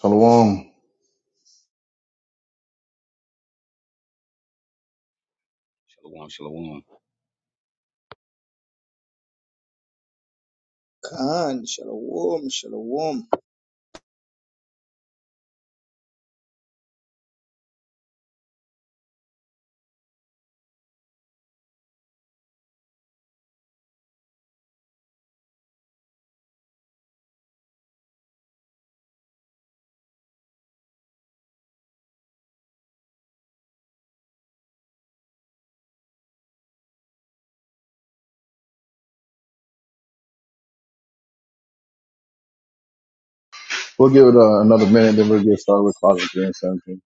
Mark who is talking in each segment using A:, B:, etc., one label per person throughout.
A: Shalom.
B: Shalom, shalom.
C: Khan, shalom, shalom.
A: We'll give it uh, another minute, then we'll get started with Closet 3 and 17.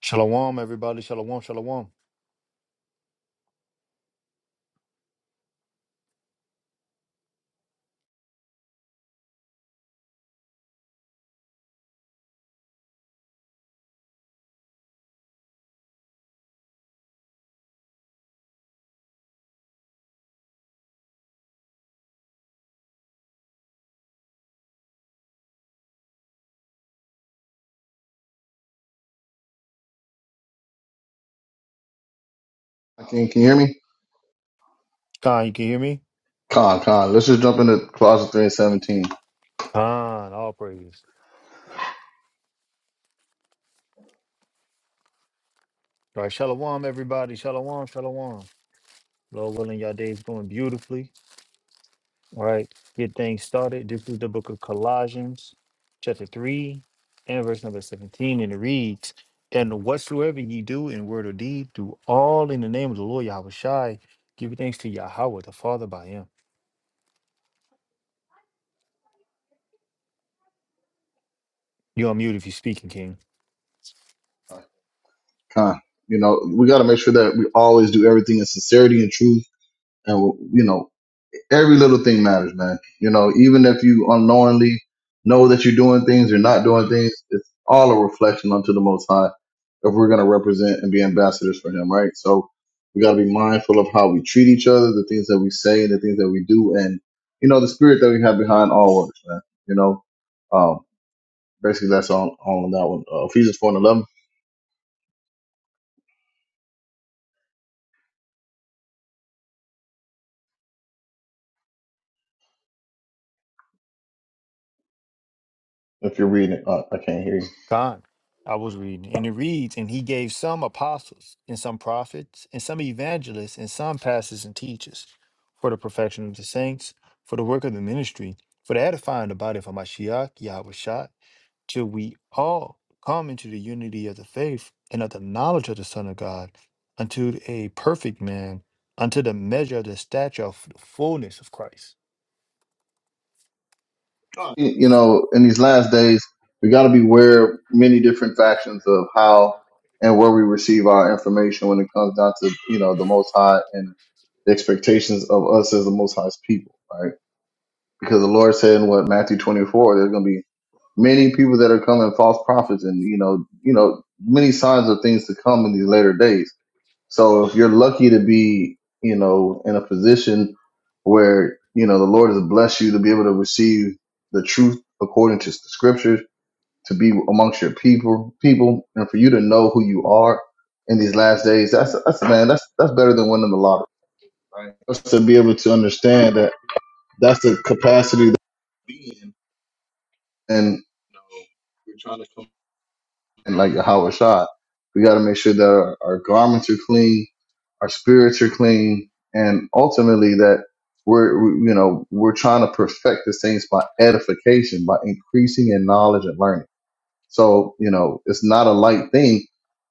D: Shalom, everybody. Shalom, shalom.
A: Can, can you hear me?
D: Khan, you can hear me?
A: Con, con. Let's just jump into Closet 3 and 17.
D: Khan, all praise. All right, shalom, everybody. Shalom, shalom. Lord willing, y'all day's going beautifully. All right, get things started. This is the book of Colossians, chapter 3, and verse number 17. And it reads, And whatsoever ye do in word or deed, do all in the name of the Lord Yahweh Shai. Give thanks to Yahweh, the Father, by him. You're on mute if you're speaking, King.
A: Con. You know, we got to make sure that we always do everything in sincerity and truth. And, you know, every little thing matters, man. You know, even if you unknowingly know that you're doing things or not doing things, it's all a reflection unto the Most High if we're going to represent and be ambassadors for Him, right? So we got to be mindful of how we treat each other, the things that we say, the things that we do, and you know the spirit that we have behind all works, man. You know, um, basically that's all, all on that one. Uh, Ephesians four and eleven. If you're reading, it, uh, I can't hear you.
D: God, I was reading, and it reads, and he gave some apostles, and some prophets, and some evangelists, and some pastors and teachers for the perfection of the saints, for the work of the ministry, for the edifying the body of Hamashiach, Yahushua, till we all come into the unity of the faith and of the knowledge of the Son of God, unto a perfect man, unto the measure of the stature of the fullness of Christ.
A: you know, in these last days, we got to beware of many different factions of how and where we receive our information when it comes down to, you know, the Most High and the expectations of us as the Most High's people, right? Because the Lord said in what Matthew 24, there's going to be many people that are coming false prophets and, you know, you know, many signs of things to come in these later days so if you're lucky to be, you know, in a position where, you know, the Lord has blessed you to be able to receive the truth according to the scriptures, to be amongst your people, people, and for you to know who you are in these last days, that's, that's, man, that's, that's better than winning the lottery, right? Just to be able to understand that that's the capacity that we be in. And and like Howard shot, we got to make sure that our, our garments are clean, our spirits are clean, and ultimately that we're we- you know we're trying to perfect the saints by edification, by increasing in knowledge and learning. So, you know, it's not a light thing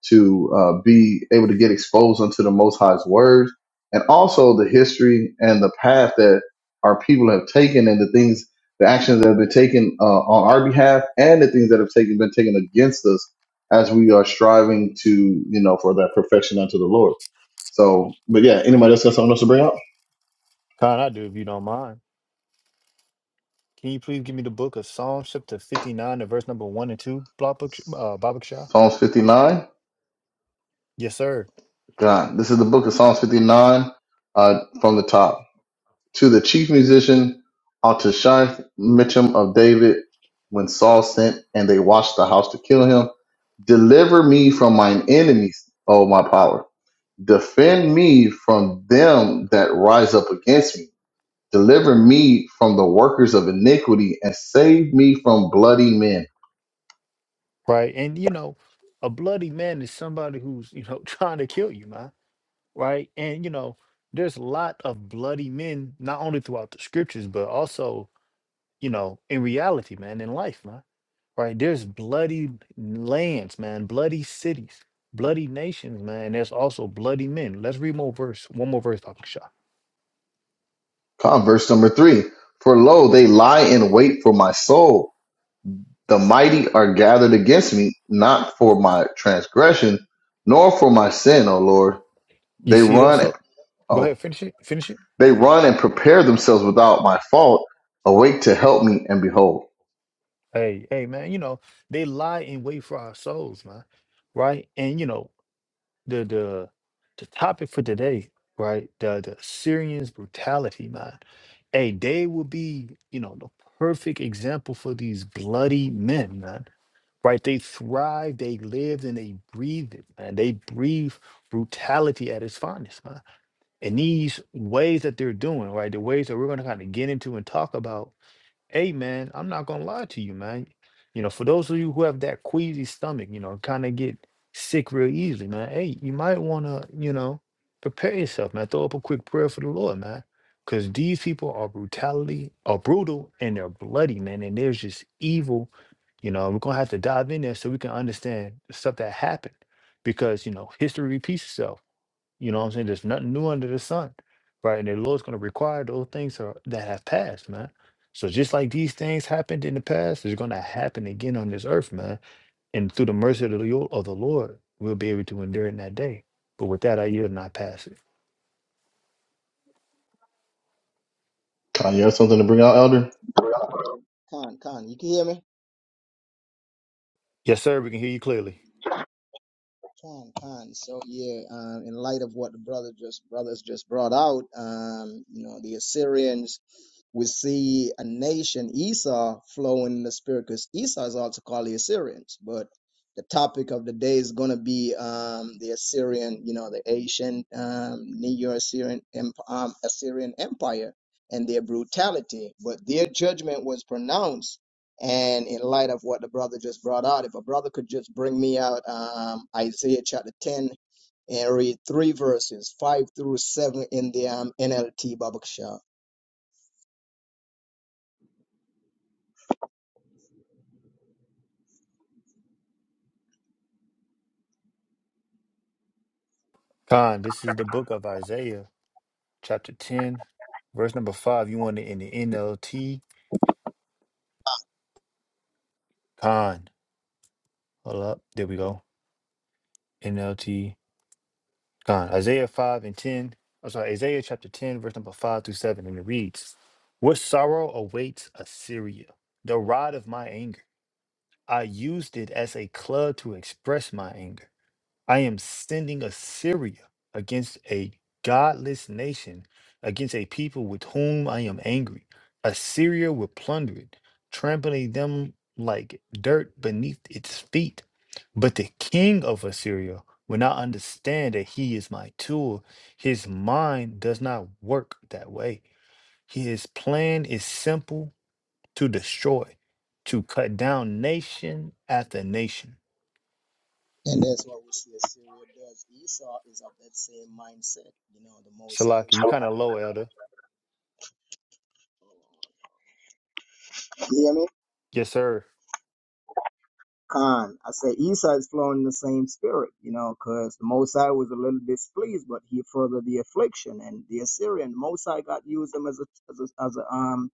A: to uh, be able to get exposed unto the Most High's words and also the history and the path that our people have taken and the things, the actions that have been taken uh, on our behalf and the things that have taken, been taken against us as we are striving to, you know, for that perfection unto the Lord. So, but yeah, anybody else got something else to bring up?
D: God, I do if you don't mind. Can you please give me the book of Psalms, chapter 59, the verse number 1 and 2, Babak, uh, Babak Shah?
A: Psalms 59.
D: Yes, sir.
A: God, this is the book of Psalms 59 uh, from the top. to the chief musician Altashith Mitchum of David, when Saul sent and they watched the house to kill him, deliver me from mine enemies, O my power. Defend me from them that rise up against me. Deliver me from the workers of iniquity and save me from bloody men.
D: Right. And, you know, a bloody man is somebody who's, you know, trying to kill you, man. Right. And, you know, there's a lot of bloody men, not only throughout the scriptures, but also, you know, in reality, man, in life, man. Right. There's bloody lands, man, bloody cities, bloody nations, man. And there's also bloody men. Let's read more verse, one more verse, Babak Shah.
A: Come, verse number three. For lo, they lie in wait for my soul The mighty are gathered against me, not for my transgression, nor for my sin, O Lord.
D: You
A: They
D: see that?
A: run,
D: So go
A: oh,
D: ahead, finish it. Finish it.
A: they run and prepare themselves without my fault. Awake to help me, and behold.
D: Hey, hey, man, you know, they lie in wait for our souls, man. Right? And you know, the the the topic for today, right? The the Syrians brutality, man. Hey, they will be, you know, the perfect example for these bloody men, man. Right? They thrived, they lived, and they breathed it, man. They breathe brutality at its finest, man. And these ways that they're doing, right? The ways that we're gonna kind of get into and talk about Hey man, I'm not gonna lie to you, man. You know, for those of you who have that queasy stomach, you know, kind of get sick real easily, man. Hey, you might wanna, you know, prepare yourself, man. Throw up a quick prayer for the Lord, man. Cause these people are brutality, are brutal, and they're bloody, man. And there's just evil. You know, we're gonna have to dive in there so we can understand the stuff that happened. Because, you know, history repeats itself you know what I'm saying? There's nothing new under the sun, right? And the Lord's going to require those things are, that have passed, man. So just like these things happened in the past, it's going to happen again on this earth, man. And through the mercy of the, Lord- of the Lord, we'll be able to endure it in that day. But with that, I yield and I pass it.
A: Uh, you have something to bring out, Elder?
C: Khan, Khan, you can hear me?
D: Yes, sir. We can hear you clearly.
C: Khan, Khan. So yeah, um, in light of what the brother just brothers just brought out, um, you know, the Assyrians we see a nation, Esau, flowing in the spirit because Esau is also called the Assyrians. But the topic of the day is going to be um, the Assyrian, you know, the ancient um, Neo-Assyrian emp- um, Assyrian Empire and their brutality. But their judgment was pronounced. And in light of what the brother just brought out, if a brother could just bring me out um, Isaiah chapter 10 and read three verses, five through seven in the um, NLT, Babakshah.
D: Con, this is the book of Isaiah, chapter 10, verse number 5. You want it in the NLT. Con. Hold up. There we go. NLT. God, Isaiah 5 and 10, I'm sorry, Isaiah chapter 10, verse number 5 through 7, and it reads, What sorrow awaits Assyria, the rod of my anger. I used it as a club to express my anger. I am sending Assyria against a godless nation, against a people with whom I am angry. Assyria will plunder it, trampling them like dirt beneath its feet. But the king of Assyria will not understand that he is my tool. His mind does not work that way. His plan is simple to destroy, to cut down nation after nation.
C: And that's what we see Assyria does. Esau is of that same mindset. You know, the Most
D: Salaki, you
C: High.
D: kind of low, Elder.
C: You hear me?
D: Yes, sir.
C: Khan. I say Esau is flowing in the same spirit, you know, because the Most High was a little displeased, but he furthered the affliction. And the Assyrian, the Most High God used them as a, as a, as a um,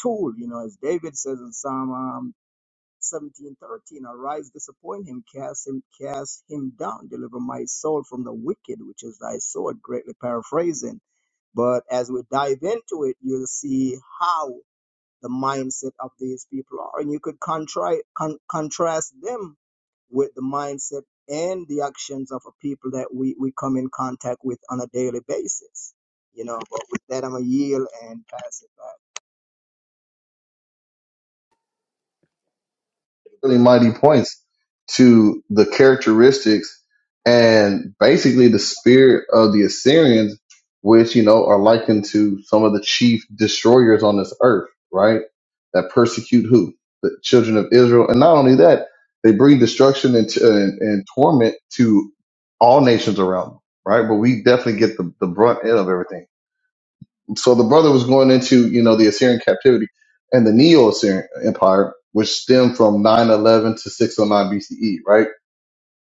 C: tool, you know, as David says in Psalm um, 17 thirteen, Arise, disappoint him, cast him, cast him down, deliver my soul from the wicked, which is thy sword, greatly paraphrasing But as we dive into it, you'll see how the mindset of these people are. And you could contri- con- contrast them with the mindset and the actions of a people that we, we come in contact with on a daily basis. You know, but with that, I'm going to yield and pass it back.
A: really mighty points to the characteristics and basically the spirit of the Assyrians, which, you know, are likened to some of the chief destroyers on this earth, right? That persecute who? The children of Israel. And not only that, they bring destruction and, and, and torment to all nations around them, right? But we definitely get the, the brunt end of everything. So the brother was going into, you know, the Assyrian captivity and the Neo-Assyrian Empire, which stemmed from 911 to 609 BCE, right?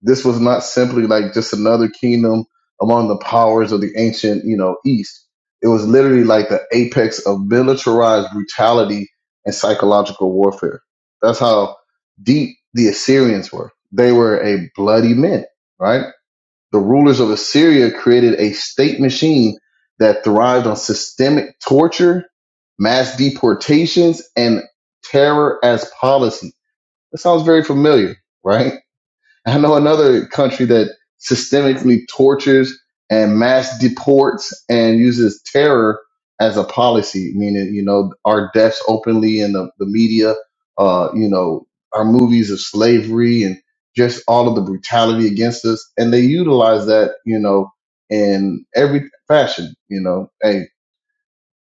A: This was not simply like just another kingdom among the powers of the ancient, you know, East. It was literally like the apex of militarized brutality and psychological warfare. That's how deep the Assyrians were. They were a bloody men, right? The rulers of Assyria created a state machine that thrived on systemic torture, mass deportations, and terror as policy. That sounds very familiar, right? I know another country that systemically tortures and mass deports and uses terror as a policy, meaning, you know, our deaths openly in the, the media, uh, you know, our movies of slavery and just all of the brutality against us. And they utilize that, you know, in every fashion, you know. hey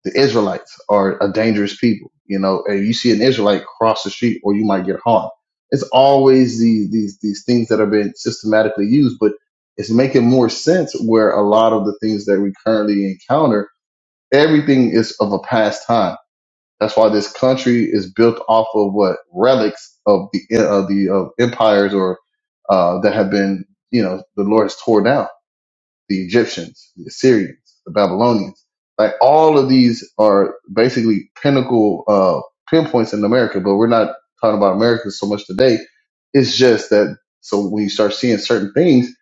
A: the Israelites are a dangerous people. You know, and you see an Israelite cross the street, or you might get harmed. It's always these these these things that have been systematically used, but it's making more sense where a lot of the things that we currently encounter, everything is of a past time. That's why this country is built off of what relics of the of the of empires or uh, that have been, you know, the Lord has torn down the Egyptians, the Assyrians, the Babylonians. Like all of these are basically pinnacle uh, pinpoints in America, but we're not talking about America so much today. It's just that so when you start seeing certain things,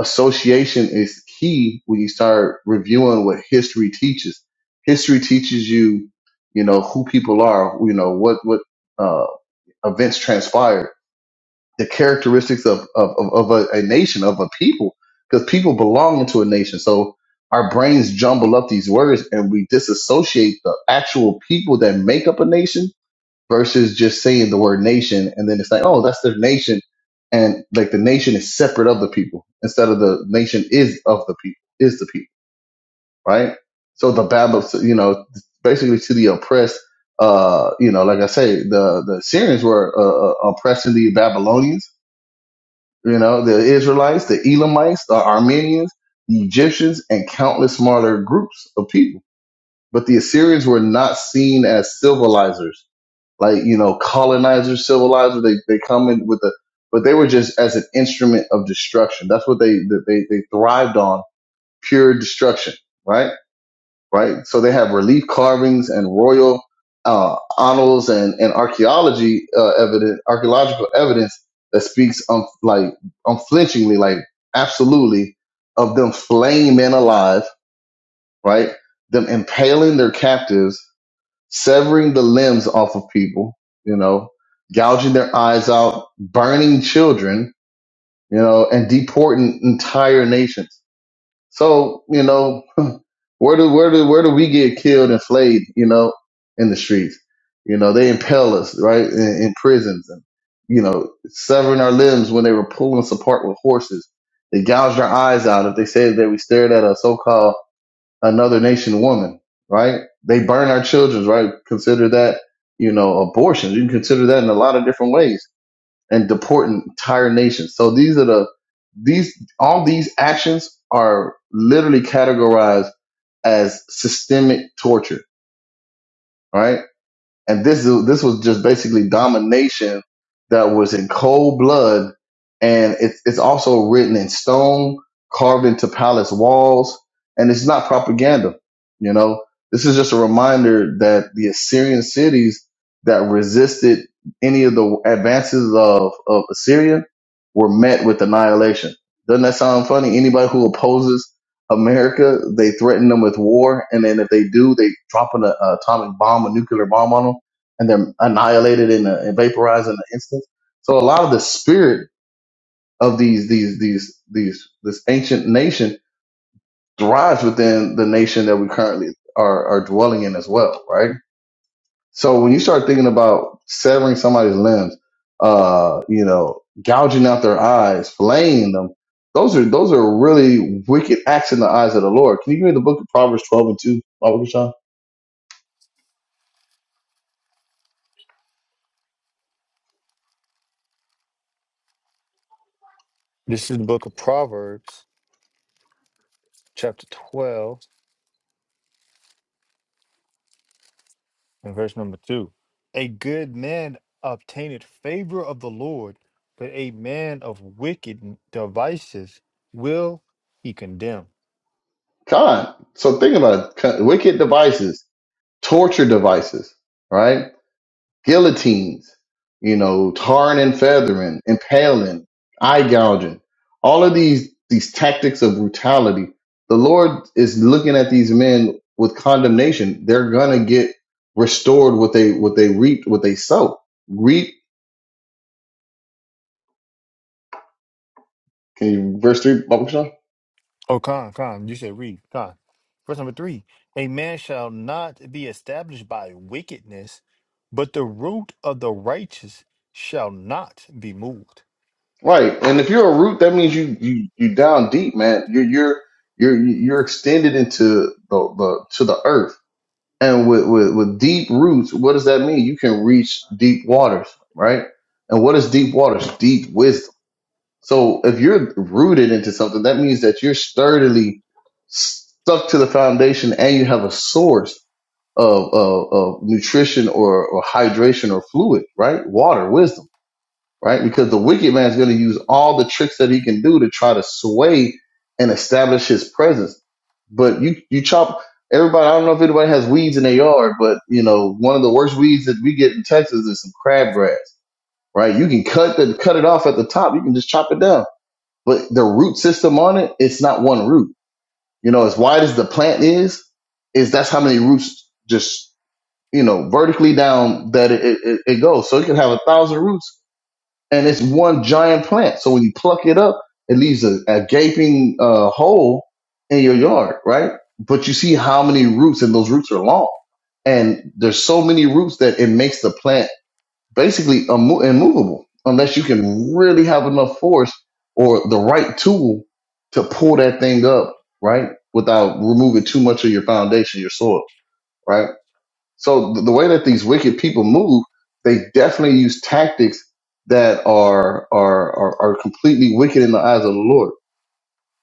A: association is key when you start reviewing what history teaches. History teaches you, you know, who people are, you know, what what uh, events transpired the characteristics of of, of, of a, a nation of a people because people belong into a nation so our brains jumble up these words and we disassociate the actual people that make up a nation versus just saying the word nation and then it's like oh that's their nation and like the nation is separate of the people instead of the nation is of the people is the people right so the babel you know basically to the oppressed uh you know like i say the the syrians were uh, uh, oppressing the babylonians you know, the Israelites, the Elamites, the Armenians, the Egyptians, and countless smaller groups of people. But the Assyrians were not seen as civilizers, like, you know, colonizers, civilizers. They, they come in with the, but they were just as an instrument of destruction. That's what they, they, they thrived on, pure destruction, right? right? So they have relief carvings and royal uh, honors and, and archaeology uh, evidence, archaeological evidence that speaks um, like unflinchingly, like absolutely, of them flaying men alive, right? Them impaling their captives, severing the limbs off of people, you know, gouging their eyes out, burning children, you know, and deporting entire nations so, you know, where do where do where do we get killed and flayed, you know, in the streets? You know, they impale us, right, in, in prisons and you know, severing our limbs when they were pulling us apart with horses. They gouged our eyes out if they said that we stared at a so called another nation woman, right? They burn our children, right? Consider that, you know, abortion. You can consider that in a lot of different ways and deporting entire nations. So these are the these all these actions are literally categorized as systemic torture. Right? and this is, this was just basically domination that was in cold blood, and it's it's also written in stone, carved into palace walls, and it's not propaganda. You know, this is just a reminder that the Assyrian cities that resisted any of the advances of of Assyria were met with annihilation. Doesn't that sound funny? Anybody who opposes America, they threaten them with war, and then if they do, they drop an uh, atomic bomb, a nuclear bomb on them and they're annihilated in a, and vaporized in an instant. So a lot of the spirit of these these these these this ancient nation thrives within the nation that we currently are are dwelling in as well, right? So when you start thinking about severing somebody's limbs, uh, you know, gouging out their eyes, flaying them, those are those are really wicked acts in the eyes of the Lord. Can you give me the book of Proverbs twelve and two, Baba Kashan?
D: This is the book of Proverbs, chapter 12, and verse number 2. A good man obtaineth favor of the Lord, but a man of wicked devices will he condemn.
A: Con. So think about it. Wicked devices. torture devices, right? Guillotines, you know, tarring and feathering, impaling, eye gouging, all of these these tactics of brutality. The Lord is looking at these men with condemnation. They're gonna get restored what they what they reaped, what they sow. Reap can you verse three Bible Sean?
D: Oh, Con, Con, you said read, Con. Verse number 3. A man shall not be established by wickedness, but the root of the righteous shall not be moved.
A: Right. And if you're a root, that means you you you down deep, man. You're you're you're you're extended into the, the to the earth And with, with, with deep roots, what does that mean? You can reach deep waters, right? And what is deep waters? Deep wisdom. So if you're rooted into something, that means that you're sturdily stuck to the foundation and you have a source of, of, of nutrition or, or hydration or fluid, right? Water, wisdom right? Because the wicked man is going to use all the tricks that he can do to try to sway and establish his presence. But you you chop everybody. I don't know if anybody has weeds in their yard, but you know one of the worst weeds that we get in Texas is some crabgrass, right? You can cut the cut it off at the top. You can just chop it down, but the root system on it, it's not one root. You know, as wide as the plant is, is that's how many roots just you know vertically down that it, it, it goes. So it can have a thousand roots and it's one giant plant. So when you pluck it up, it leaves a, a gaping uh, hole in your yard, right? But you see how many roots, and those roots are long, and there's so many roots that it makes the plant basically immo- immovable unless you can really have enough force or the right tool to pull that thing up, right? Without removing too much of your foundation, your soil, right? So th- the way that these wicked people move, they definitely use tactics that are are are, are completely wicked in the eyes of the Lord.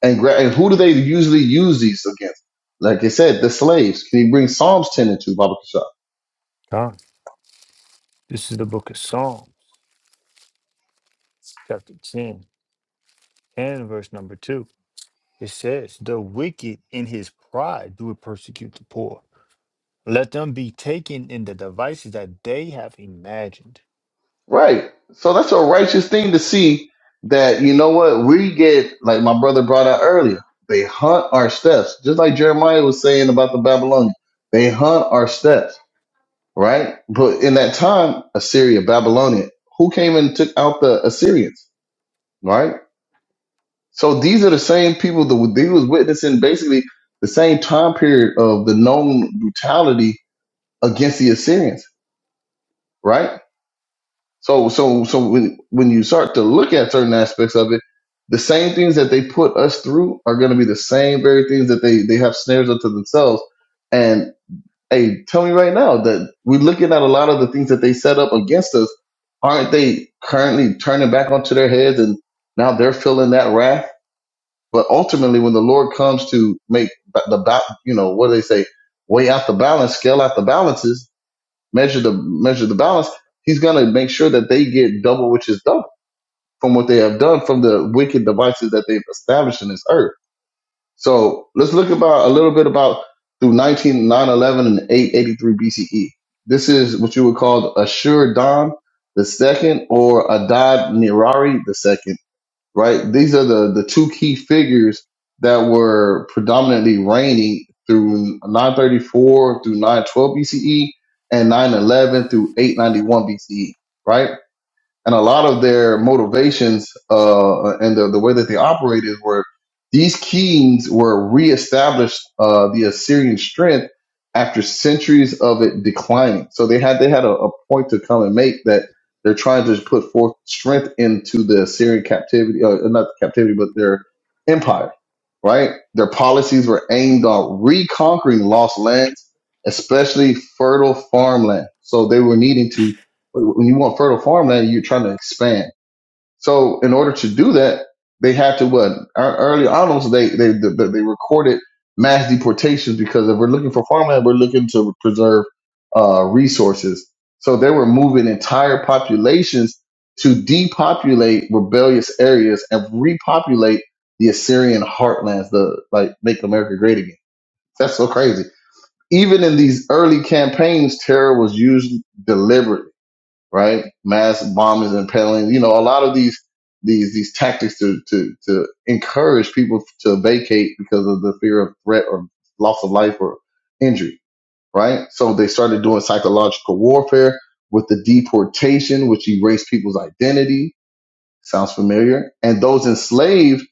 A: And, gra- and who do they usually use these against? Like I said, the slaves. Can you bring Psalms ten into Bible shop?
D: Con, this is the book of Psalms, chapter 10, and verse number 2. It says, The wicked in his pride do persecute the poor. Let them be taken in the devices that they have imagined.
A: Right. So that's a righteous thing to see that you know what we get. Like my brother brought out earlier, they hunt our steps, just like Jeremiah was saying about the Babylonians. They hunt our steps right? But in that time, Assyria, Babylonia, who came and took out the Assyrians, right? So these are the same people that they was witnessing basically the same time period of the known brutality against the Assyrians, right? So, so, so when when you start to look at certain aspects of it, the same things that they put us through are going to be the same very things that they they have snares unto themselves, and. hey, tell me right now that we're looking at a lot of the things that they set up against us. Aren't they currently turning back onto their heads and now they're feeling that wrath? But ultimately, when the Lord comes to make ba- the, ba- you know, what do they say? Weigh out the balance, scale out the balances, measure the, measure the balance. He's going to make sure that they get double, which is double from what they have done from the wicked devices that they've established in this earth. So let's look about a little bit about through nineteen nine eleven and 883 BCE. This is what you would call Ashur Dan the second or Adad Nirari the second, right? These are the, the two key figures that were predominantly reigning through 934 through 912 BCE and 911 through 891 BCE, right? and a lot of their motivations uh, and the, the way that they operated were these kings were reestablished uh, the Assyrian strength after centuries of it declining. So they had they had a, a point to come and make that they're trying to put forth strength into the Assyrian captivity, uh, not the captivity, but their empire. Right, their policies were aimed on reconquering lost lands, especially fertile farmland. So they were needing to when you want fertile farmland, you're trying to expand. So in order to do that, they had to what ear- early on they they they, they recorded mass deportations because if we're looking for farmland, we're looking to preserve uh, resources. So they were moving entire populations to depopulate rebellious areas and repopulate the Assyrian heartlands, the like make America great again. That's so crazy. Even in these early campaigns, terror was used deliberately right? Mass bombings and impaling, you know, a lot of these these these tactics to to to encourage people to vacate because of the fear of threat or loss of life or injury, right? So they started doing psychological warfare with the deportation, which erased people's identity. Sounds familiar. And those enslaved,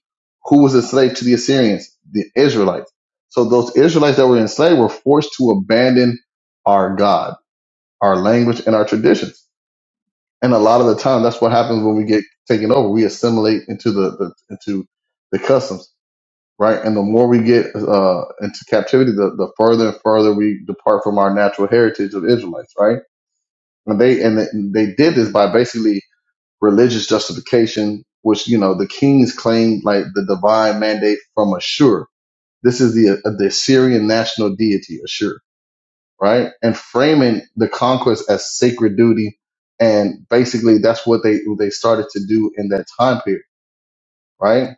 A: who was enslaved to the Assyrians, the Israelites. So those Israelites that were enslaved were forced to abandon our God, our language, and our traditions and a lot of the time, that's what happens when we get taken over. We assimilate into the, the into the customs, right? And the more we get uh, into captivity, the, the further and further we depart from our natural heritage of Israelites, right? And they and they did this by basically religious justification, which you know the kings claimed like the divine mandate from Ashur. This is the the Assyrian national deity Ashur right? And framing the conquest as sacred duty. And basically that's what they they started to do in that time period, right?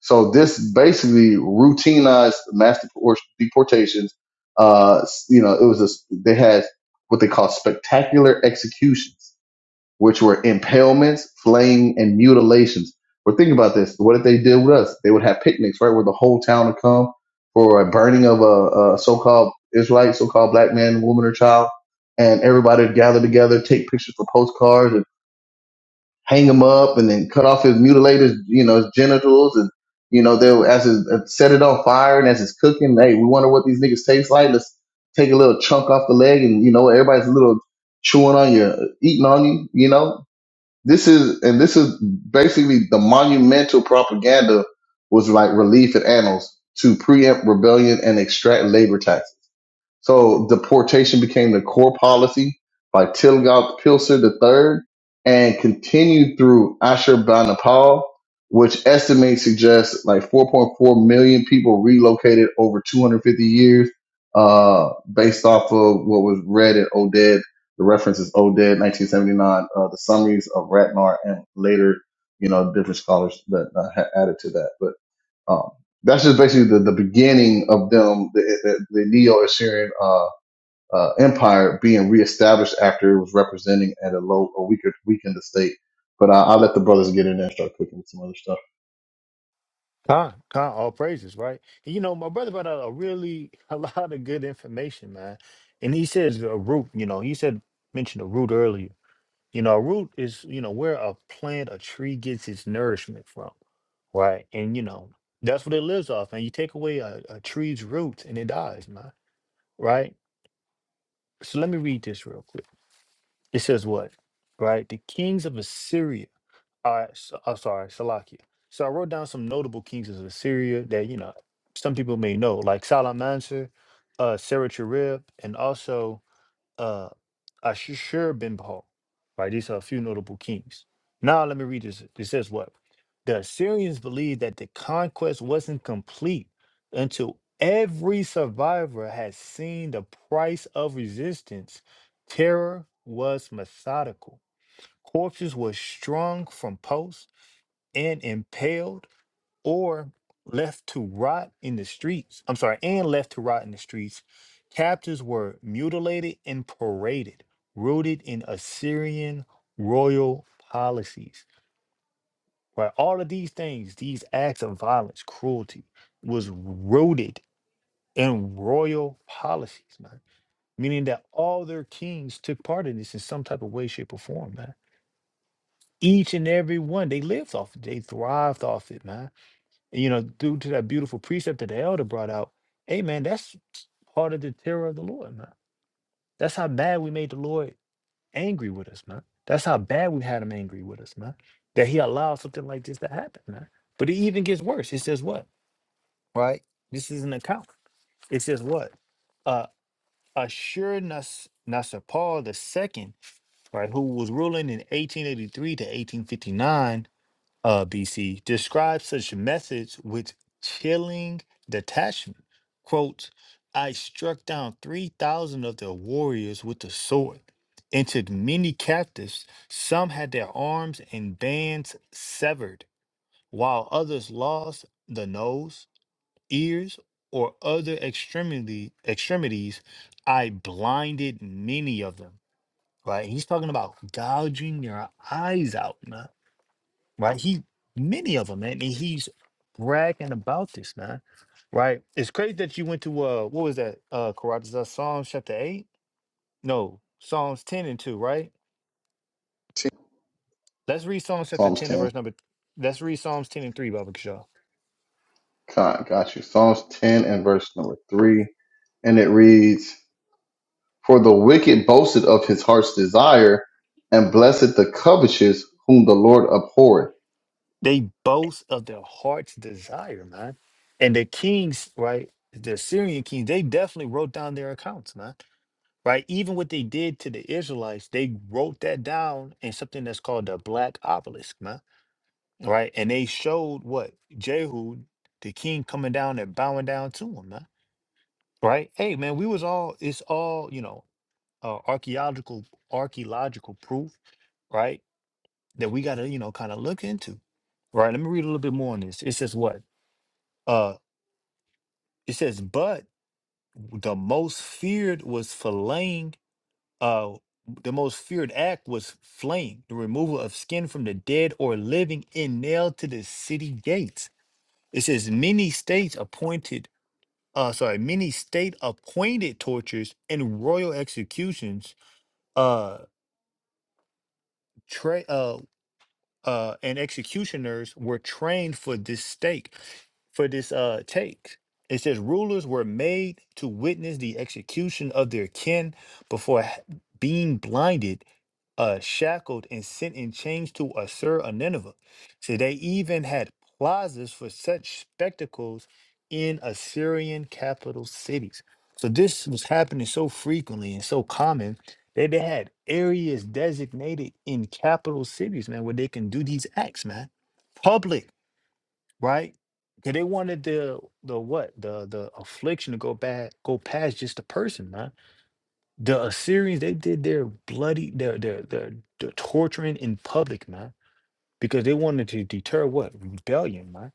A: So this basically routinized mass deport- deportations. Uh, you know, it was a, they had what they call spectacular executions which were impalements, flaying, and mutilations. We're thinking about this. What if they did with us? They would have picnics, right, where the whole town would come for a burning of a, a so-called Israelite, so-called black man, woman, or child. And everybody would gather together, take pictures for postcards and hang him up and then cut off his mutilated, you know, his genitals. And, you know, they would, as his, uh, set it on fire and as it's cooking, hey, we wonder what these niggas taste like. Let's take a little chunk off the leg and, you know, everybody's a little chewing on you, eating on you, you know, this is and this is basically the monumental propaganda was like relief and annals to preempt rebellion and extract labor taxes. So deportation became the core policy by Tilgach Pilser III and continued through Ashurbanipal, which estimates suggest like 4.4 million people relocated over 250 years, uh, based off of what was read in Oded. The reference is Oded 1979, uh, the summaries of Ratnar and later, you know, different scholars that uh, ha- added to that. But um, that's just basically the, the beginning of them, the, the, the Neo-Assyrian uh, uh, empire being reestablished after it was representing at a low, a weaker, weakened state. But I, I'll let the brothers get in there and start cooking with some other stuff.
D: Con, con, all praises, right? You know, my brother brought out a really a lot of good information, man. And he says a root, you know, he said mentioned a root earlier. You know, a root is, you know, where a plant, a tree gets its nourishment from. Right. And you know, that's what it lives off. And you take away a, a tree's roots and it dies, man. Right? So let me read this real quick. It says what? Right? The kings of Assyria. All right. So, I'm sorry, Salakia. So I wrote down some notable kings of Assyria that, you know, some people may know, like Salamansar, uh, Sennacherib, and also uh, Ashur bin Paul. Right, these are a few notable kings. Now let me read this. It says what? The Assyrians believed that the conquest wasn't complete until every survivor had seen the price of resistance. Terror was methodical. Corpses were strung from posts and impaled or left to rot in the streets. I'm sorry, and left to rot in the streets. Captives were mutilated and paraded, rooted in Assyrian royal policies. Right, all of these things, these acts of violence, cruelty, was rooted in royal policies, man. Meaning that all their kings took part in this in some type of way, shape, or form, man. Each and every one, they lived off it. They thrived off it, man you know, due to that beautiful precept that the elder brought out, hey man, that's part of the terror of the Lord, man. That's how bad we made the Lord angry with us, man. That's how bad we had him angry with us, man. That he allowed something like this to happen, man. But it even gets worse. It says what? Right? This is an account. It says what? Uh assure Nas Nasser Paul II, right, who was ruling in 1883 to 1859 uh, BC, describes such methods with chilling detachment. Quote, I struck down 3,000 of their warriors with the sword and took many captives. Some had their arms and bands severed, while others lost the nose, ears, or other extremity, extremities. I blinded many of them. Right? He's talking about gouging your eyes out. man right? He many of them, man. And he's bragging about this, man. Right? It's crazy that you went to uh what was that? Uh Karate that Psalms chapter eight? No, Psalms ten and two, right?
A: Ten-
D: Let's read Psalms chapter
A: Psalms
D: ten and
A: 10.
D: verse number let's read Psalms ten and three, Baba Kishaw.
A: God, got you. Psalms 10 and verse number 3. And it reads, For the wicked boasted of his heart's desire, and blessed the covetous whom the Lord abhorreth.
D: They boast of their heart's desire, man. And the kings, right? The Syrian kings, they definitely wrote down their accounts, man. Right? Even what they did to the Israelites, they wrote that down in something that's called the Black Obelisk, man right? And they showed what Jehu, the king, coming down and bowing down to him, man. Right? Hey, man, we was all it's all you know uh, archaeological archaeological proof, right? That we got to you know kind of look into, right? Let me read a little bit more on this. It says what? Uh, it says, but the most feared was filleting. Uh, the most feared act was flaying, the removal of skin from the dead or living, and nailed to the city gates It says many states appointed, uh, sorry, many state appointed tortures and royal executions, uh, tra- uh, uh, and executioners were trained for this stake, for this uh take. It says rulers were made to witness the execution of their kin before h- being blinded uh, shackled and sent in chains to Assur or Nineveh. So they even had plazas for such spectacles in Assyrian capital cities. So this was happening so frequently and so common that they had areas designated in capital cities, man, where they can do these acts, man. Public, right? Because they wanted the the what? The the affliction to go back, go past just the person, man the Assyrians, they did their bloody, their, their, their, their torturing in public, man, because they wanted to deter what? Rebellion, man.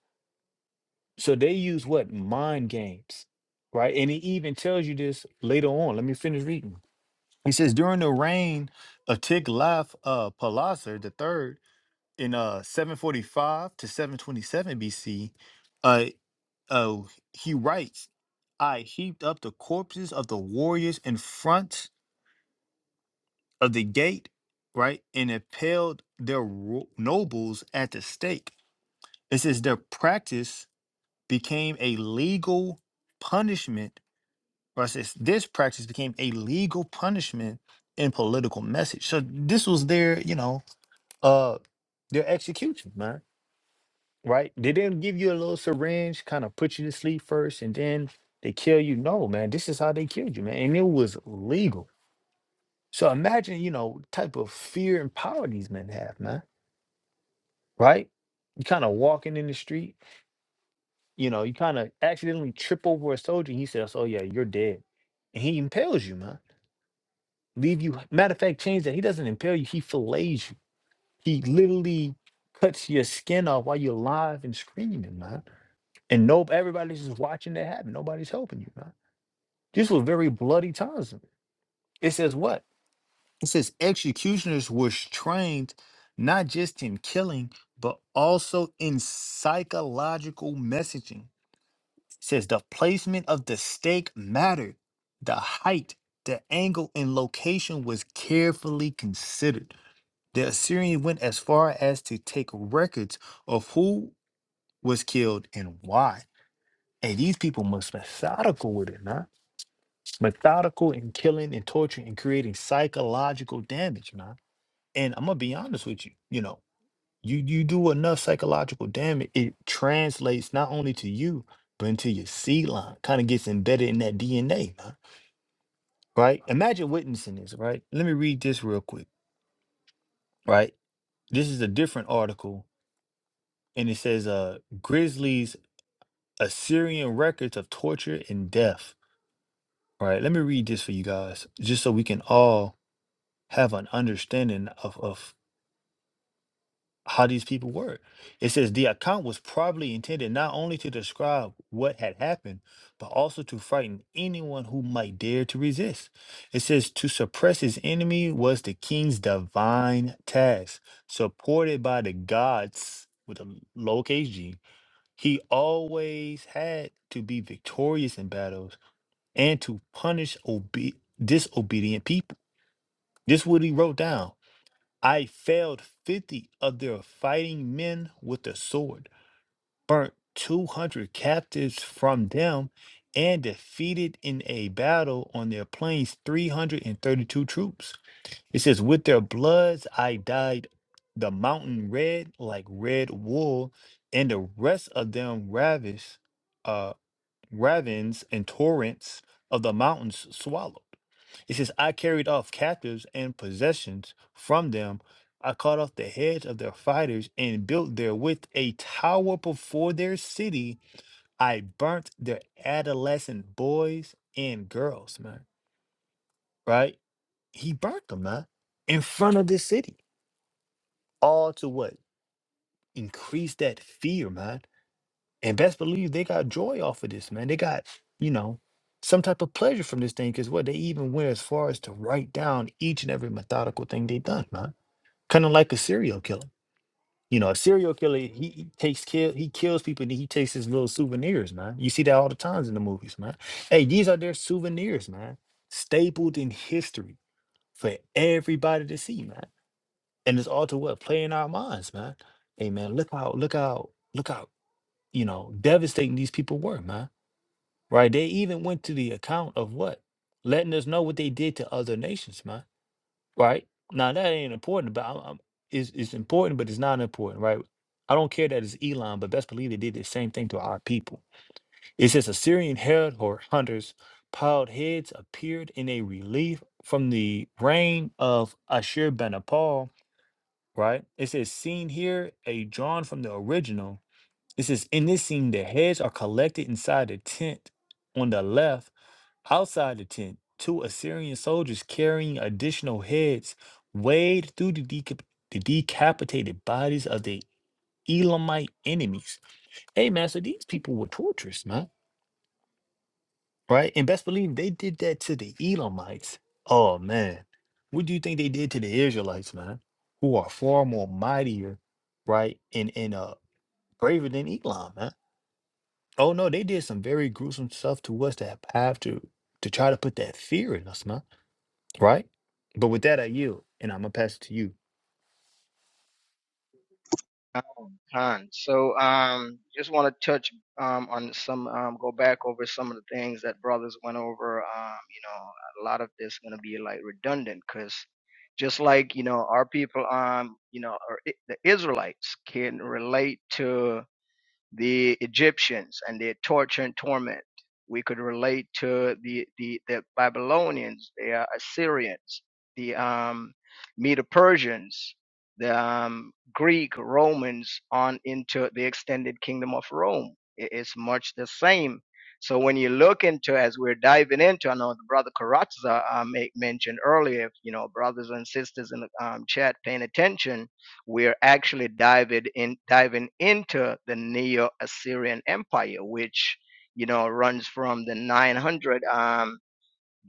D: So they use what? Mind games, right? And it even tells you this later on. Let me finish reading. He says, during the reign of Tiglath uh, Pileser the third in uh, 745 to 727 BC, uh, uh, he writes, I heaped up the corpses of the warriors in front of the gate, right, and impaled their ro- nobles at the stake. It says their practice became a legal punishment, or it says this practice became a legal punishment and political message. So this was their, you know, uh, their execution, man. Right? They didn't give you a little syringe, kind of put you to sleep first, and then they kill you. No, man, this is how they killed you, man, and it was legal. So imagine, you know, type of fear and power these men have, man right? You kind of walking in the street, you know, you kind of accidentally trip over a soldier. And he says, "Oh yeah, you're dead," and he impales you, man. Leave you. Matter of fact, change that. He doesn't impale you. He fillets you. He literally cuts your skin off while you're alive and screaming, man. And nope, everybody's just watching that happen. Nobody's helping you, man. This was very bloody times. It says what? It says executioners were trained not just in killing, but also in psychological messaging says the placement of the stake mattered. The height, the angle, and location was carefully considered. The Assyrian went as far as to take records of who was killed and why. And these people must methodical with it, man. Methodical in killing and torturing and creating psychological damage, man. And I'm gonna be honest with you, you know. You you do enough psychological damage, it translates not only to you, but into your seed line. Kind of gets embedded in that DNA, man, right? Imagine witnessing this, right? Let me read this real quick, right? This is a different article, and it says, "Uh, Grizzlies Assyrian records of torture and death." Right? Let me read this for you guys, just so we can all have an understanding of of how these people were. It says the account was probably intended not only to describe what had happened, but also to frighten anyone who might dare to resist. It says to suppress his enemy was the king's divine task, supported by the gods with a lowercase g. He always had to be victorious in battles and to punish obe- disobedient people. This is what he wrote down. I felled fifty of their fighting men with the sword, burnt two hundred captives from them, and defeated in a battle on their plains three hundred and thirty-two troops. It says, With their bloods I dyed the mountain red like red wool, and the rest of them ravish uh ravins and torrents of the mountains swallowed. It says, I carried off captives and possessions from them. I cut off the heads of their fighters and built therewith a tower before their city. I burnt their adolescent boys and girls, man. Right? He burnt them, man, in front of this city. All to what? Increase that fear, man. And best believe they got joy off of this, man. They got, you know, some type of pleasure from this thing because what they even went as far as to write down each and every methodical thing they done, man kind of like a serial killer. You know, a serial killer he, he takes kill he kills people and he takes his little souvenirs, man. You see that all the times in the movies, man. Hey, these are their souvenirs, man. Stapled in history for everybody to see, man. And it's all to what? Playing our minds, man. Hey man, look how look how look how, you know, devastating these people were, man. Right? They even went to the account of what? Letting us know what they did to other nations, man right? Now that ain't important, but I'm, I'm, it's, it's important, but it's not important, right? I don't care that it's Elon, but best believe they did the same thing to our people. It says Assyrian herd or hunters piled heads appeared in a relief from the reign of Ashur Banipal, right? It says seen here a drawn from the original this is in this scene, the heads are collected inside the tent on the left. Outside the tent, two Assyrian soldiers carrying additional heads wade through the, decap- the decapitated bodies of the Elamite enemies. Hey, man, so these people were torturous, man. Right? And best believe they did that to the Elamites. Oh, man. What do you think they did to the Israelites, man? Who are far more mightier, right? And, and uh, braver than Elam, man Oh no, they did some very gruesome stuff to us that have to to try to put that fear in us, man. Right? But with that, I yield, and I'm gonna pass it to you.
C: Um, Khan. So um, just want to touch um, on some, um, go back over some of the things that brothers went over. Um, you know, a lot of this going to be like redundant because. just like you know our people um you know or I- the israelites can relate to the Egyptians and their torture and torment. We could relate to the the, the Babylonians, the uh, Assyrians, the um, Medo Persians, the um, Greek, Romans, on into the extended kingdom of Rome. I- it's much the same. So when you look into, as we're diving into, I know the brother Karatza uh, mentioned earlier, you know, brothers and sisters in the um, chat paying attention, we're actually diving in diving into the Neo-Assyrian Empire, which you know runs from the 900 um,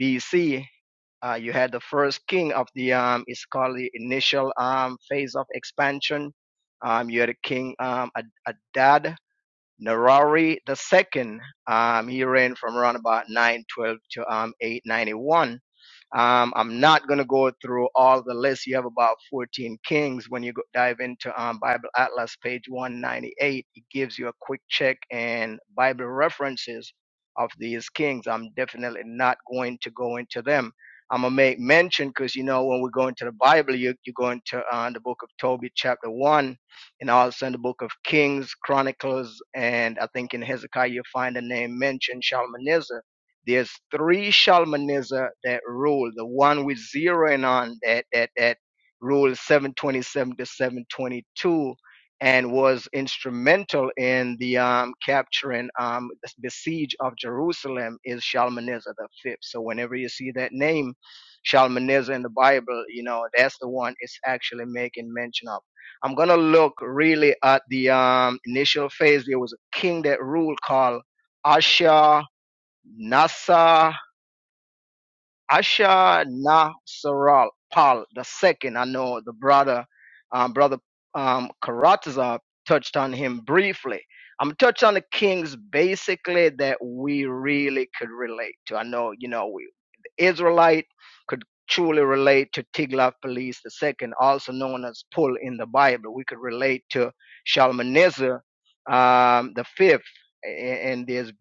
C: BC. Uh, you had the first king of the um, it's called the initial um, phase of expansion. Um, you had a king um, Ad- Adad Nerari II. Um, he reigned from around about 912 to um, 891 um, I'm not going to go through all the lists. You have about 14 kings. When you go, dive into um, Bible Atlas, page 198, it gives you a quick check and Bible references of these kings. I'm definitely not going to go into them. I'm going to make mention because, you know, when we go into the Bible, you, you go into uh, the book of Tobit, chapter 1, and also in the book of Kings, Chronicles, and I think in Hezekiah, you find the name mentioned, Shalmaneser there's three Shalmaneser that rule. The one with zero and on that that that ruled 727 to 722 and was instrumental in the um, capturing um, the siege of Jerusalem is Shalmaneser the fifth. So whenever you see that name, Shalmaneser in the Bible, you know that's the one it's actually making mention of. I'm gonna look really at the um, initial phase. There was a king that ruled called Ashur. Nasa Asha Nasaral Pal the second. I know the brother, um, brother um, Karatza touched on him briefly. I'm touch on the kings basically that we really could relate to. I know you know we the Israelite could truly relate to Tiglath-Pileser the second, also known as Pul in the Bible. We could relate to Shalmaneser um, the fifth, a- and there's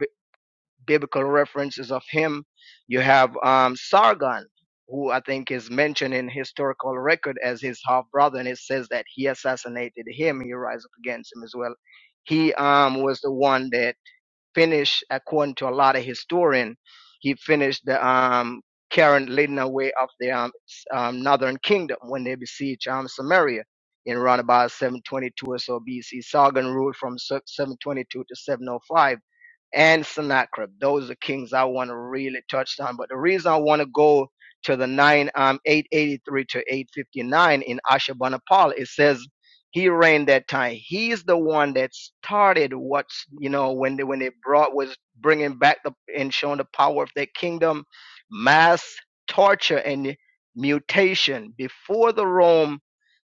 C: biblical references of him. You have um, Sargon, who I think is mentioned in historical record as his half brother, and it says that he assassinated him. He rise up against him as well. He um, was the one that finished, according to a lot of historian, he finished the um, current leading away of the um, um, northern kingdom when they besieged um, Samaria in around about 722 or so BC. Sargon ruled from 722 to 705 and Sennacherib. Those are kings I want to really touch on. But the reason I want to go to the 9, um, 883 to 859 in Ashurbanipal, it says he reigned that time. He's the one that started what's you know when they when they brought was bringing back the and showing the power of their kingdom, mass torture and mutation before the Rome,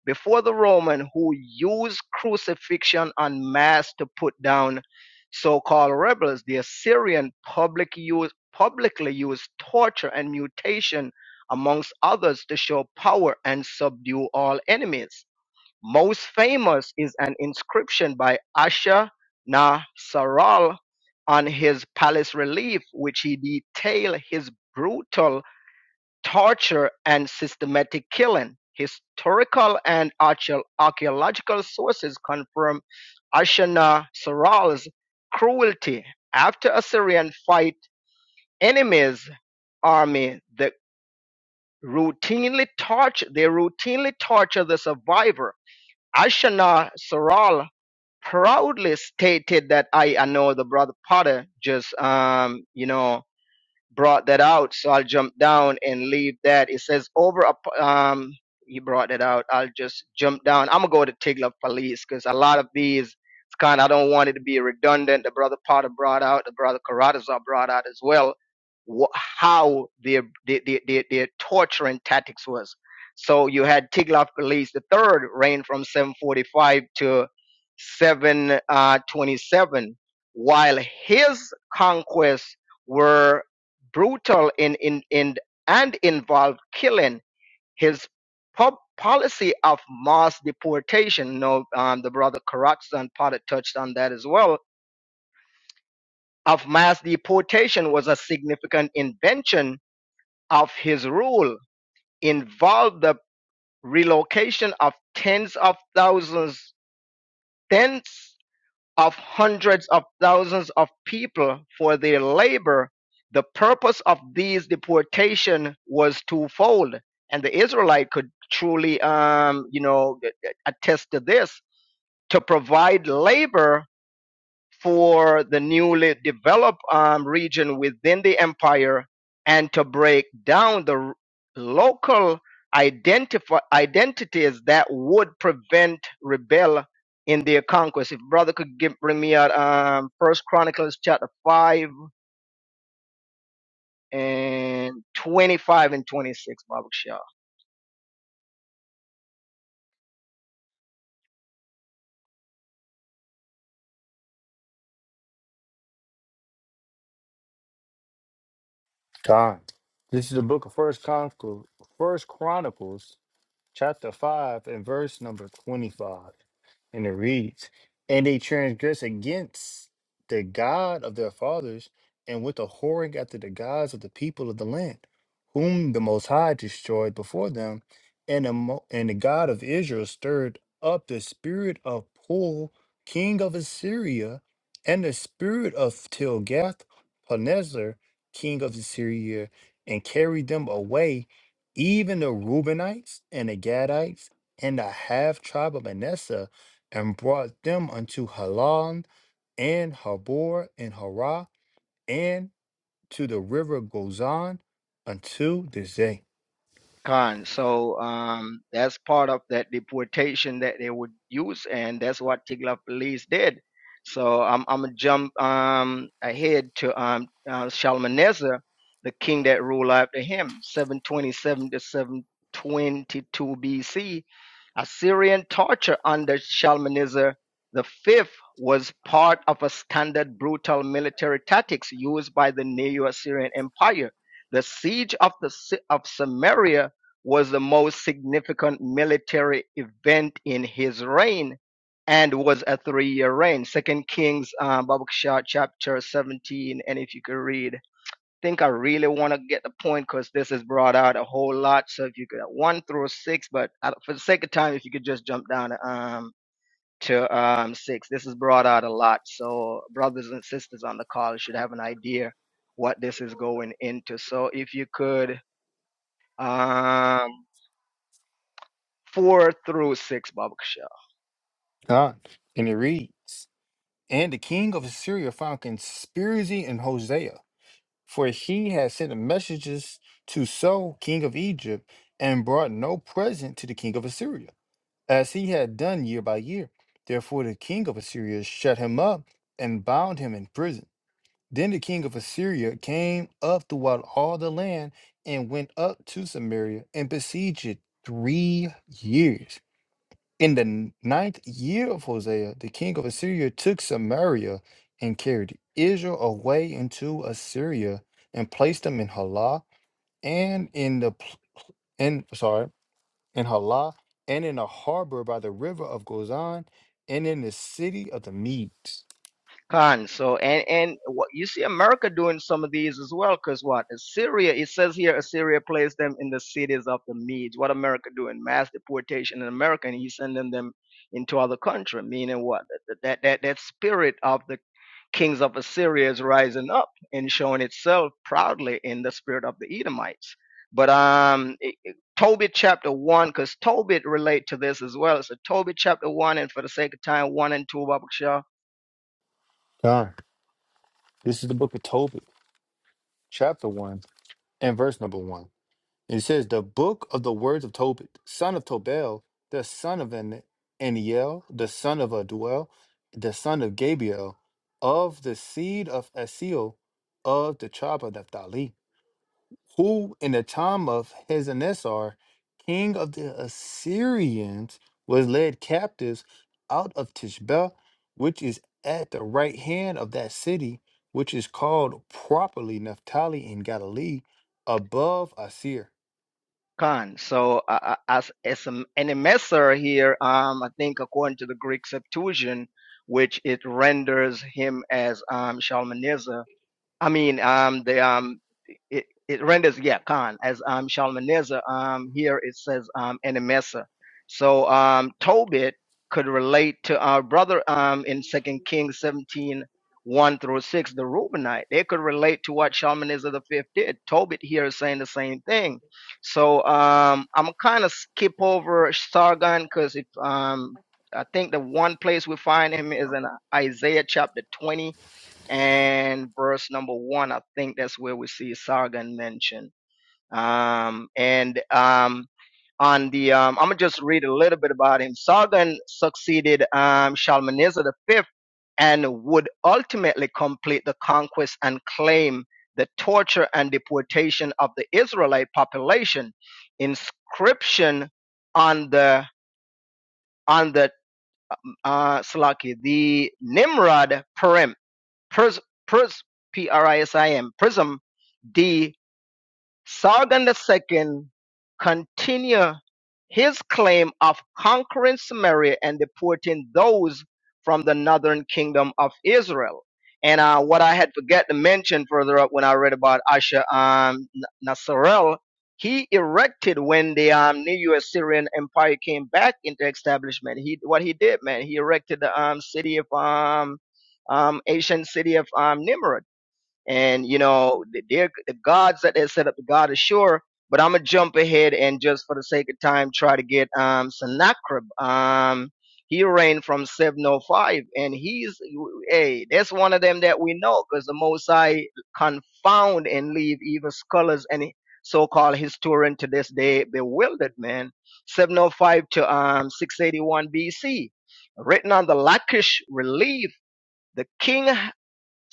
C: before the Roman who used crucifixion on mass to put down so-called rebels. The Assyrian public use publicly used torture and mutation amongst others to show power and subdue all enemies most famous is an inscription by Asher on his palace relief, which he detailed his brutal torture and systematic killing. Historical and archeo- archaeological sources confirm Asher cruelty. After Assyrian fight enemies' army, the routinely torture they routinely torture the survivor. Ashana proudly stated that I know the brother Potter just um you know brought that out. So I'll jump down and leave that. It says over. up- Um, he brought that out. I'll just jump down. I'm gonna go to Tigla Police because a lot of these it's kind. of. I don't want it to be redundant. The brother Potter brought out. The brother Caratazar brought out as well. Wh- how their their their their, their torturing tactics was. So you had Tiglath Police the third reigned from 745 to 727, while his conquests were brutal in, in, in and involved killing. His pub policy of mass deportation, no, um, the brother Karatsan Potter touched on that as well, of mass deportation was a significant invention of his rule, involved the relocation of tens of thousands, Tens. of hundreds of thousands of people for their labor, the purpose of these deportation was twofold, and the Israelite could truly, um, you know, attest to this: to provide labor for the newly developed um, region within the empire and to break down the r- local identifi- identities that would prevent rebel in their conquest. If brother could give, bring me out um, First Chronicles chapter five and twenty-five and twenty-six, Baruch Shah.
D: Time. This is the book of First Chronicles. First Chronicles chapter 5 and verse number 25 and it reads and they transgress against the god of their fathers and with a whoring after the gods of the people of the land whom the most high destroyed before them and the, Mo- and the god of israel stirred up the spirit of pul king of assyria and the spirit of tilgath-paneser king of assyria and carried them away even the Reubenites and the Gadites and the half tribe of Manasseh, and brought them unto Halon and Habor and Harah and to the river Gozan unto this day.
C: Con. So um, that's part of that deportation that they would use, and that's what Tigla police did. So I'm I'm gonna jump um, ahead to um, uh, Shalmaneser, the king that ruled after him, 727 to 722 BC. Assyrian torture under Shalmaneser the fifth was part of a standard brutal military tactics used by the Neo-Assyrian Empire. The siege of the Sy- of Samaria was the most significant military event in his reign and was a three-year reign. Second Kings, um, Babakshah, chapter 17, and if you could read. I think I really want to get the point because this is brought out a whole lot. So if you could, one through six, but uh, for the sake of time, if you could just jump down to, um, to um, six. This is brought out a lot. So brothers and sisters on the call should have an idea what this is going into. So if you could, um, four through six barber shop.
D: God. And it reads, And the king of Assyria found conspiracy in Hosea, for he had sent messages to So, king of Egypt, and brought no present to the king of Assyria. as he had done year by year. Therefore, the king of Assyria shut him up and bound him in prison. Then the king of Assyria came up throughout all the land and went up to Samaria and besieged it three years. In the n- ninth year of Hosea, the king of Assyria took Samaria and carried Israel away into Assyria and placed them in Halah and in the pl- in sorry in Halah, and in a harbor by the river of Gozan, and in the city of the Medes.
C: Con. So and and what you see America doing some of these as well, because what Assyria? It says here Assyria placed them in the cities of the Medes. What America doing? Mass deportation in America, and he's sending them into other country. Meaning what? that that, that spirit of the kings of Assyria is rising up and showing itself proudly in the spirit of the Edomites. But um, it- it- Tobit chapter one, because Tobit relate to this as well. So Tobit chapter one, and for the sake of time, one and two, Babakshah
D: God, this is the book of Tobit, chapter 1, and verse number 1. It says, The book of the words of Tobit, son of Tobel, the son of An- Aniel, the son of Aduel, the son of Gabiel, of the seed of Asiel, of the tribe of Naphtali. who in the time of Hazanesar, king of the Assyrians, was led captives out of Tishbe, which is at the right hand of that city, which is called properly Naphtali in Galilee, above Asir.
C: Khan. So uh, uh, as as an emissary here, um, I think according to the Greek Septuagint, which it renders him as um, Shalmaneser I mean, um, the um, it, it renders yeah, Khan as um Shalmaneser. Um, here it says um Enemesa. So um, Tobit could relate to our brother um in Second Kings seventeen one through six, the Reubenite. They could relate to what Shalmaneser the fifth did. Tobit here is saying the same thing. So um, I'm kind of skip over Sargon because if um. I think the one place we find him is in Isaiah chapter 20 and verse number one. I think that's where we see Sargon mentioned. Um, and um, on the, um, I'm gonna just read a little bit about him. Sargon succeeded um, Shalmaneser the fifth and would ultimately complete the conquest and claim the torture and deportation of the Israelite population. Inscription on the on the uh, Slaki, the Nimrod Purim Prism, Prism, P R I S I M, Prism D Sargon II continued his claim of conquering Samaria and deporting those from the northern kingdom of Israel. And uh, what I had forget to mention further up when I read about Asher um, Nasarel, he erected when the um, new Assyrian Empire came back into establishment. He what he did, man, he erected the um, city of um, um, ancient city of um, Nimrud and you know they're the gods that they set up the god is sure but i'm gonna jump ahead and just for the sake of time try to get um sennacherib um he reigned from 705 and he's hey that's one of them that we know because the most i confound and leave even scholars and so-called historian to this day bewildered man 705 to um 681 bc written on the lachish relief the king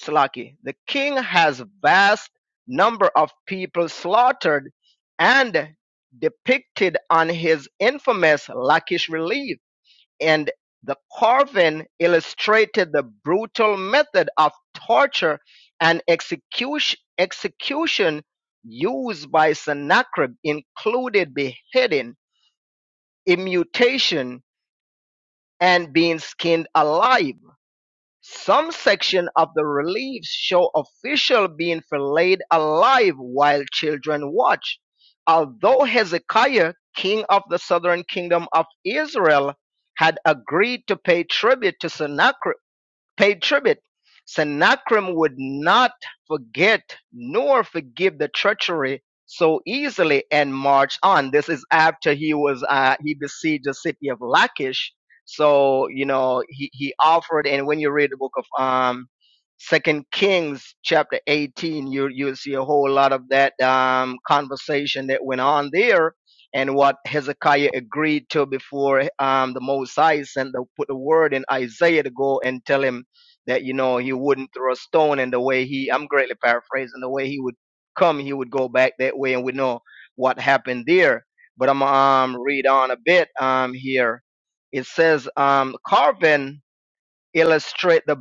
C: Slaki. The king has vast number of people slaughtered and depicted on his infamous Lakish relief, and the carving illustrated the brutal method of torture and execution, execution used by Sennacherib, included beheading, immutation, and being skinned alive. Some sections of the reliefs show officials being filleted alive while children watch. Although Hezekiah, king of the southern kingdom of Israel, had agreed to pay tribute to Sennacherib, paid tribute. Sennacherib would not forget nor forgive the treachery so easily and marched on. This is after he was uh, he besieged the city of Lachish. So you know he he offered, and when you read the book of um Second Kings chapter 18, you you see a whole lot of that um conversation that went on there. And what Hezekiah agreed to before um, the Most High sent the, put the word in Isaiah to go and tell him that you know he wouldn't throw a stone and the way he i'm greatly paraphrasing the way he would come he would go back that way and we know what happened there but i'm um read on a bit um here it says um carving illustrate the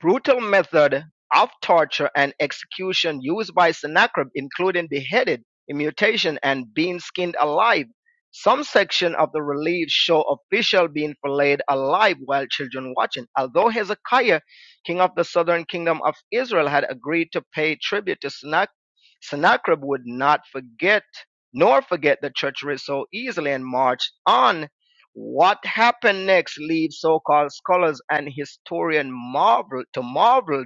C: brutal method of torture and execution used by Sennacherib, including beheaded, immutation, and being skinned alive. Some sections of the reliefs show officials being filleted alive while children watching. Although Hezekiah, king of the southern kingdom of Israel, had agreed to pay tribute to Sennacherib, Sennacherib would not forget nor forget the treachery so easily and marched on what happened next leads so-called scholars and historian marvel to marvel.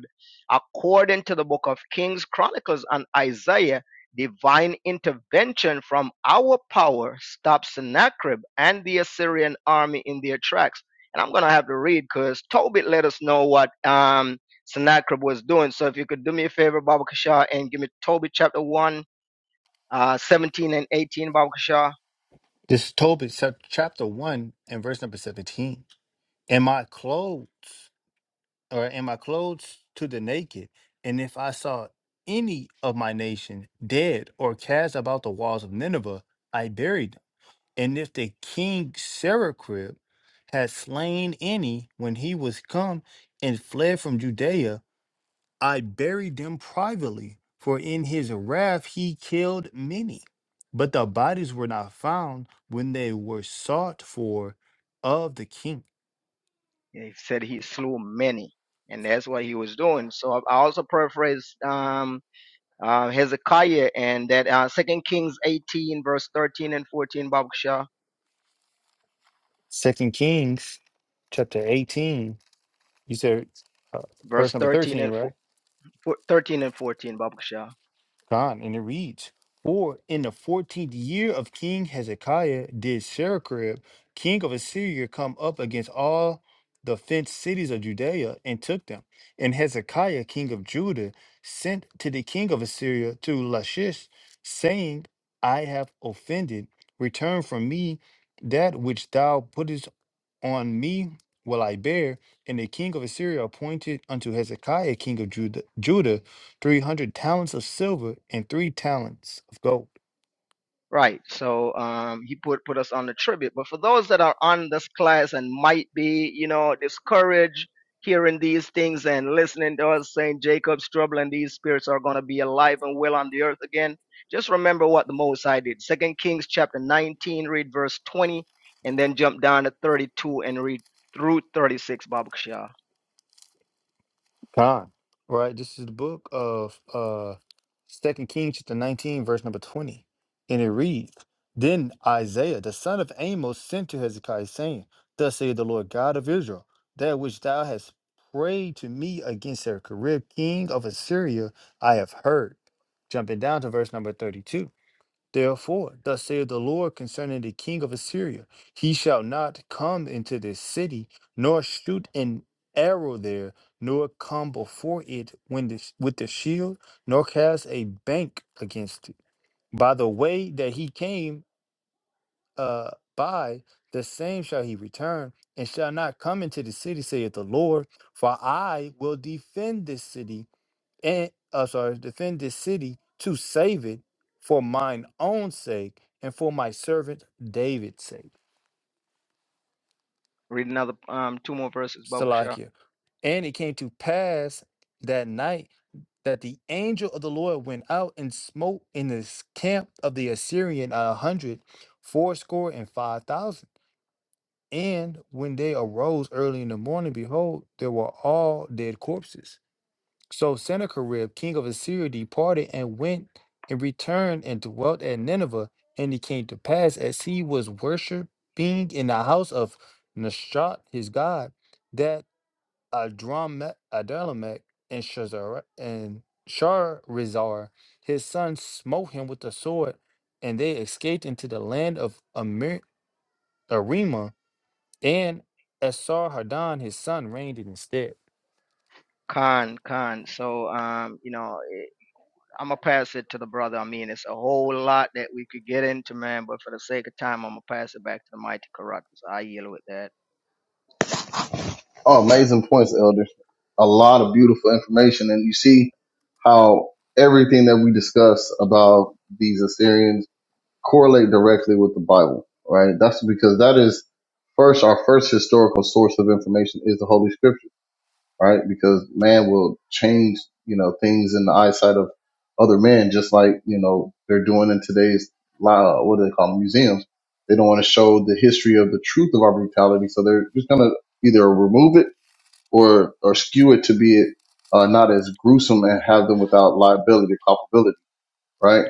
C: According to the book of Kings, Chronicles, and Isaiah, divine intervention from our power stopped Sennacherib and the Assyrian army in their tracks. And I'm gonna have to read because Tobit let us know what um, Sennacherib was doing. So if you could do me a favor, Baba Kishar, and give me Tobit chapter one, uh, 17 and 18, Baba Kishar.
D: This is Tobit chap- chapter 1 and verse number 17. And my clothes or am I clothes to the naked? And if I saw any of my nation dead or cast about the walls of Nineveh, I buried them. And if the king Sennacherib had slain any when he was come and fled from Judea, I buried them privately, for in his wrath he killed many. But the bodies were not found when they were sought for of the king.
C: Yeah, He said he slew many, and that's what he was doing. So I also paraphrase um, uh, Hezekiah and that uh, Second Kings 18, verse 13 and 14, Babuksha,
D: Second Kings chapter 18 You said uh,
C: verse
D: verse number
C: 13
D: 13,
C: and fo-
D: right?
C: 13 and 14, Babuksha.
D: Gone. And it reads For in the 14th year of King Hezekiah did Sennacherib, king of Assyria, come up against all the fenced cities of Judea and took them. And Hezekiah, king of Judah, sent to the king of Assyria to Lachish, saying, I have offended. Return from me that which thou puttest on me will I bear. And the king of Assyria appointed unto Hezekiah, king of Judah, Judah 300 talents of silver and three talents of gold.
C: Right. So um, he put put us on the tribute. But for those that are on this class and might be, you know, discouraged hearing these things and listening to us saying Jacob's trouble and these spirits are going to be alive and well on the earth again, just remember what the Most High did. Second Kings chapter 19, read verse 20, and then jump down to 32 and read through 36, Baba Kishah.
D: Con, right? This is the book of uh Second Kings chapter 19, verse number 20. And it reads, Then Isaiah, the son of Amos, sent to Hezekiah, saying, Thus saith the Lord God of Israel, that which thou hast prayed to me against Sennacherib, king of Assyria, I have heard. Jumping down to verse number 32. Therefore, thus saith the Lord concerning the king of Assyria He shall not come into this city, nor shoot an arrow there, nor come before it when this, with the shield, nor cast a bank against it. By the way that he came uh, by, the same shall he return, and shall not come into the city, saith the Lord. For I will defend this city and uh, sorry, defend this city to save it for mine own sake and for my servant David's sake.
C: Read another um, two more verses, Baba Kishah.
D: Salakia. And it came to pass that night that the angel of the Lord went out and smote in the camp of the Assyrian a hundred, fourscore and five thousand. And when they arose early in the morning, behold, there were all dead corpses. So Sennacherib, king of Assyria, departed and went and returned and dwelt at Nineveh. And it came to pass as he was worshiping in the house of Nashon his god, that Adramelech Adalamech and Shazar and Sharazar his son smote him with the sword, and they escaped into the land of Amir, Arima, and Esarhaddon his son reigned in his stead.
C: Khan, Khan. So um, you know. I'm gonna pass it to the brother. I mean, it's a whole lot that we could get into, man. But for the sake of time, I'm gonna pass it back to the mighty Caracas. I yield with that.
A: Oh, amazing points, Elder. A lot of beautiful information. And you see how everything that we discuss about these Assyrians correlate directly with the Bible, right? That's because that is first, our first historical source of information is the Holy Scripture, right? Because man will change, you know, things in the eyesight of other men, just like, you know, they're doing in today's, uh, what do they call them, museums. They don't want to show the history of the truth of our brutality. So they're just going to either remove it or or skew it to be uh, not as gruesome and have them without liability or culpability, right?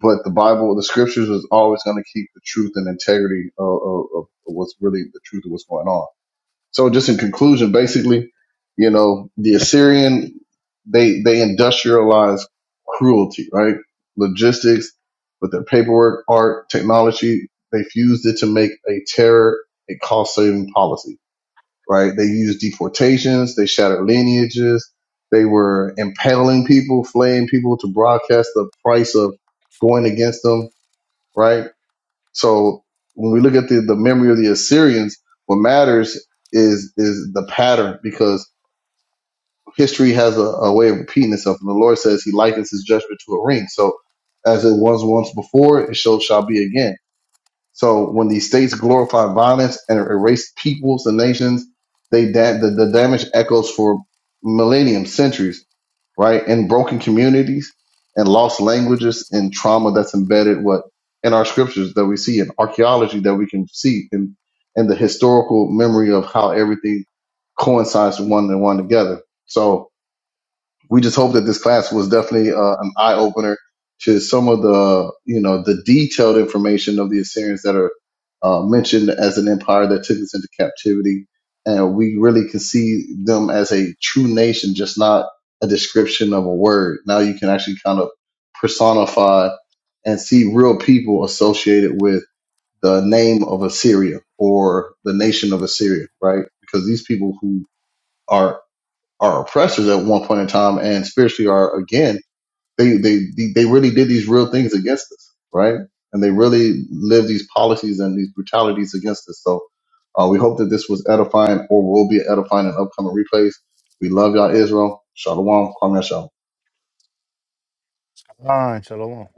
A: But the Bible, the scriptures is always going to keep the truth and integrity of, of, of what's really the truth of what's going on. So just in conclusion, basically, you know, the Assyrian, they, they industrialized cruelty, right? Logistics, with their paperwork, art, technology, they fused it to make a terror a cost saving policy right? They used deportations, they shattered lineages, they were impaling people, flaying people to broadcast the price of going against them, right? So when we look at the, the memory of the Assyrians, what matters is is the pattern because history has a, a way of repeating itself. And the Lord says he likens his judgment to a ring. So as it was once before, it shall, shall be again so when these states glorify violence and erase peoples and nations, they da- the, the damage echoes for millennium, centuries, right? In broken communities and lost languages and trauma that's embedded what in our scriptures that we see in archaeology that we can see in and the historical memory of how everything coincides with one and one together. So we just hope that this class was definitely uh, an eye opener to some of the you know the detailed information of the Assyrians that are uh, mentioned as an empire that took us into captivity, and we really can see them as a true nation, just not a description of a word. Now you can actually kind of personify and see real people associated with the name of Assyria or the nation of Assyria, right? Because these people who are our oppressors at one point in time and spiritually are again they they they really did these real things against us right and they really lived these policies and these brutalities against us so uh, we hope that this was edifying or will be edifying in upcoming replays we love y'all israel shalom kwame Yashah.
D: Ah, shalom.